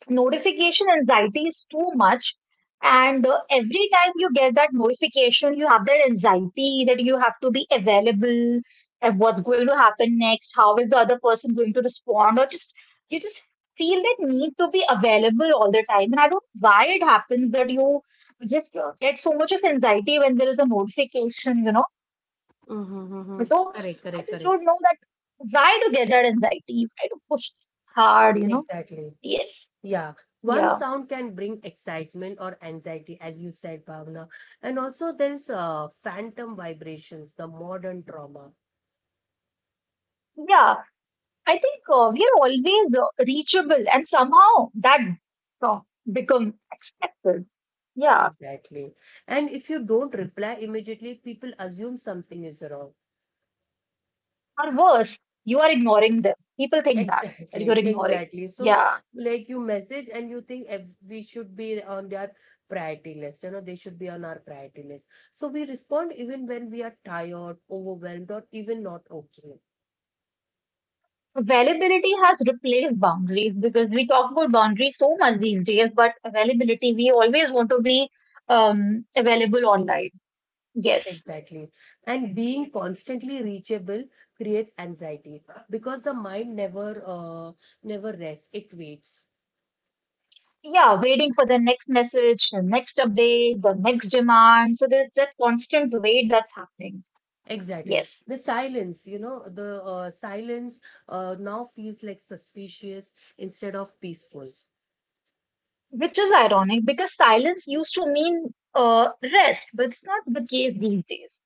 Speaker 2: notification anxiety is too much. And every time you get that notification, you have that anxiety that you have to be available and what's going to happen next, how is the other person going to respond, or just you just feel that need to be available all the time. And I don't know why it happens that you just get so much of anxiety when there is a notification, you know.
Speaker 1: Mm-hmm, mm-hmm.
Speaker 2: So
Speaker 1: Correct,
Speaker 2: I
Speaker 1: correct,
Speaker 2: just
Speaker 1: correct.
Speaker 2: don't know that why to get that anxiety, why to push hard, you know.
Speaker 1: Exactly.
Speaker 2: Yes,
Speaker 1: Yeah. One
Speaker 2: yeah,
Speaker 1: sound can bring excitement or anxiety, as you said, Bhavna. And also, there is phantom vibrations, the modern trauma.
Speaker 2: yeah. I think we're always reachable, and somehow that uh, becomes expected. Yeah,
Speaker 1: Exactly. And if you don't reply immediately, people assume something is wrong.
Speaker 2: or worse, you are ignoring them. People think that that you're
Speaker 1: Exactly,
Speaker 2: ignoring.
Speaker 1: exactly. So,
Speaker 2: Yeah,
Speaker 1: like, you message and you think if we should be on their priority list, you know, they should be on our priority list. So we respond even when we are tired, overwhelmed, or even not okay.
Speaker 2: availability has replaced boundaries, because we talk about boundaries so much these days, but availability, we always want to be available online. Yes.
Speaker 1: Exactly. And being constantly reachable creates anxiety because the mind never rests, it waits.
Speaker 2: Yeah, waiting for the next message, the next update, the next demand. So there's that constant wait that's happening.
Speaker 1: Exactly.
Speaker 2: Yes.
Speaker 1: The, silence, you know, the silence now feels like suspicious instead of peaceful.
Speaker 2: Which is ironic because silence used to mean rest, but it's not the case these days.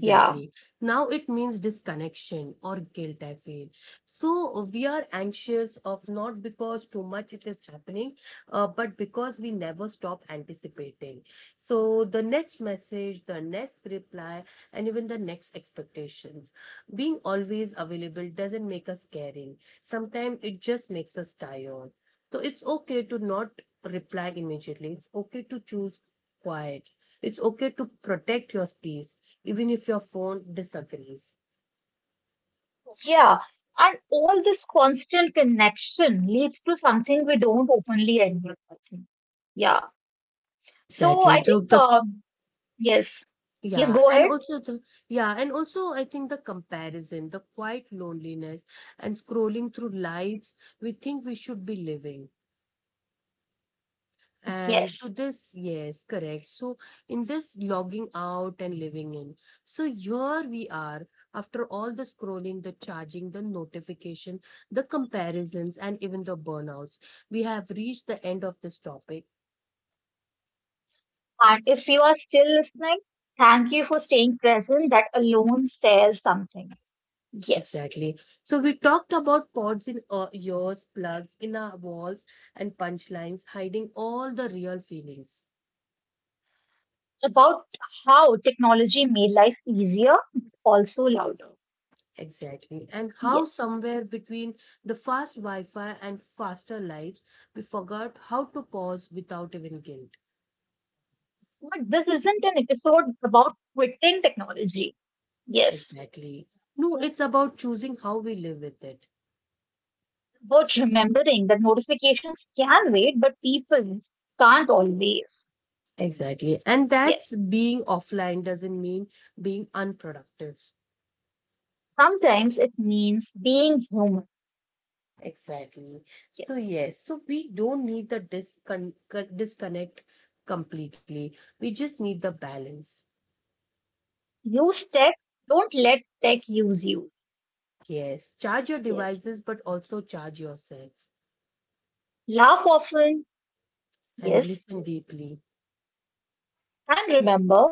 Speaker 2: Yeah,
Speaker 1: Now it means disconnection or guilt, I feel. So we are anxious of not because too much it is happening, but because we never stop anticipating. So the next message, the next reply, and even the next expectations. Being always available doesn't make us caring. Sometimes it just makes us tired. So it's okay to not reply immediately. It's okay to choose quiet. It's okay to protect your space, even if your phone disagrees.
Speaker 2: yeah. And all this constant connection leads to something we don't openly admit, I think. Yeah. So
Speaker 1: Exactly.
Speaker 2: I
Speaker 1: The,
Speaker 2: think,
Speaker 1: the
Speaker 2: yes. Yes,
Speaker 1: yeah,
Speaker 2: go
Speaker 1: and
Speaker 2: ahead.
Speaker 1: also and also I think the comparison, the quiet loneliness, and scrolling through lives we think we should be living. And
Speaker 2: Yes.
Speaker 1: to this, yes, correct. So in this logging out and living in. So here we are. After all the scrolling, the charging, the notification, the comparisons, and even the burnouts, we have reached the end of this topic.
Speaker 2: And if you are still listening, thank you for staying present. That alone says something. Yes.
Speaker 1: Exactly. So we talked about pods in ears, plugs in our walls, and punchlines hiding all the real feelings.
Speaker 2: About how technology made life easier, but also louder.
Speaker 1: Exactly. And how
Speaker 2: Yes.
Speaker 1: somewhere between the fast Wi Fi and faster lives, we forgot how to pause without even guilt.
Speaker 2: But this isn't an episode about quitting technology. Yes,
Speaker 1: Exactly. No, it's about choosing how we live with it.
Speaker 2: about remembering that notifications can wait, but people can't always.
Speaker 1: Exactly. And
Speaker 2: Yes,
Speaker 1: that's being offline doesn't mean being unproductive.
Speaker 2: sometimes it means being human.
Speaker 1: Exactly.
Speaker 2: Yes.
Speaker 1: So, yes, so we don't need the disconnect completely. We just need the balance.
Speaker 2: Use tech, don't let tech use you.
Speaker 1: Yes, charge your
Speaker 2: Yes,
Speaker 1: devices, but also charge yourself
Speaker 2: laugh often.
Speaker 1: and
Speaker 2: Yes,
Speaker 1: listen deeply.
Speaker 2: and remember,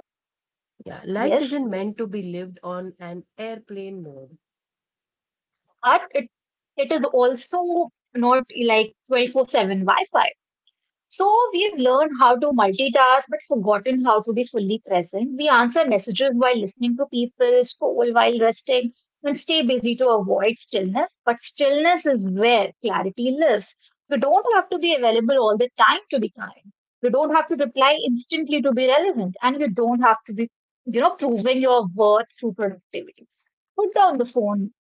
Speaker 1: Yeah, life
Speaker 2: yes,
Speaker 1: isn't meant to be lived on an airplane mode.
Speaker 2: but it is also not like 24 7 Wi Fi. So we've learned how to multitask but forgotten how to be fully present. We answer messages while listening to people, scroll while resting, and stay busy to avoid stillness. But stillness is where clarity lives. You don't have to be available all the time to be kind. You don't have to reply instantly to be relevant, and you don't have to be, you know, proving your worth through productivity. Put down the phone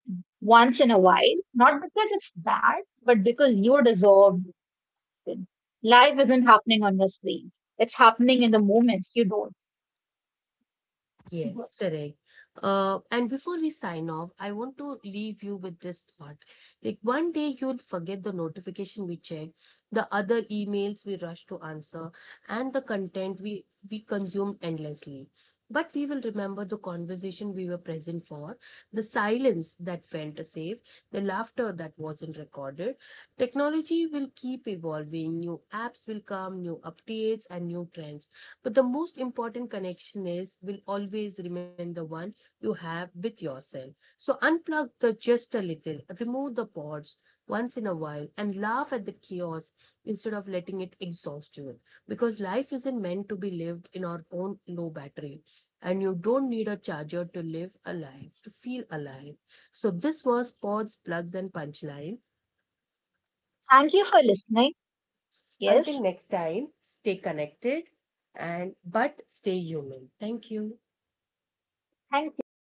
Speaker 2: once in a while, not because it's bad, but because you deserve happen. Life isn't happening on your screen. It's happening in the moments you don't.
Speaker 1: Yes,
Speaker 2: Yes.
Speaker 1: correct. And before we sign off, I want to leave you with this thought. Like, one day you'll forget the notification we checked, the other emails we rushed to answer, and the content we consumed endlessly. But we will remember the conversation we were present for, the silence that felt safe, the laughter that wasn't recorded. Technology will keep evolving. New apps will come, new updates, and new trends, but the most important connection is will always remain the one you have with yourself. So unplug the just a little, remove the pods once in a while and laugh at the chaos instead of letting it exhaust you. Because life isn't meant to be lived in our own low battery. And you don't need a charger to live alive, to feel alive. So this was Pods, Plugs and Punchline.
Speaker 2: Thank you for listening. Yes.
Speaker 1: Until next time, stay connected and but stay human. Thank you.
Speaker 2: Thank you.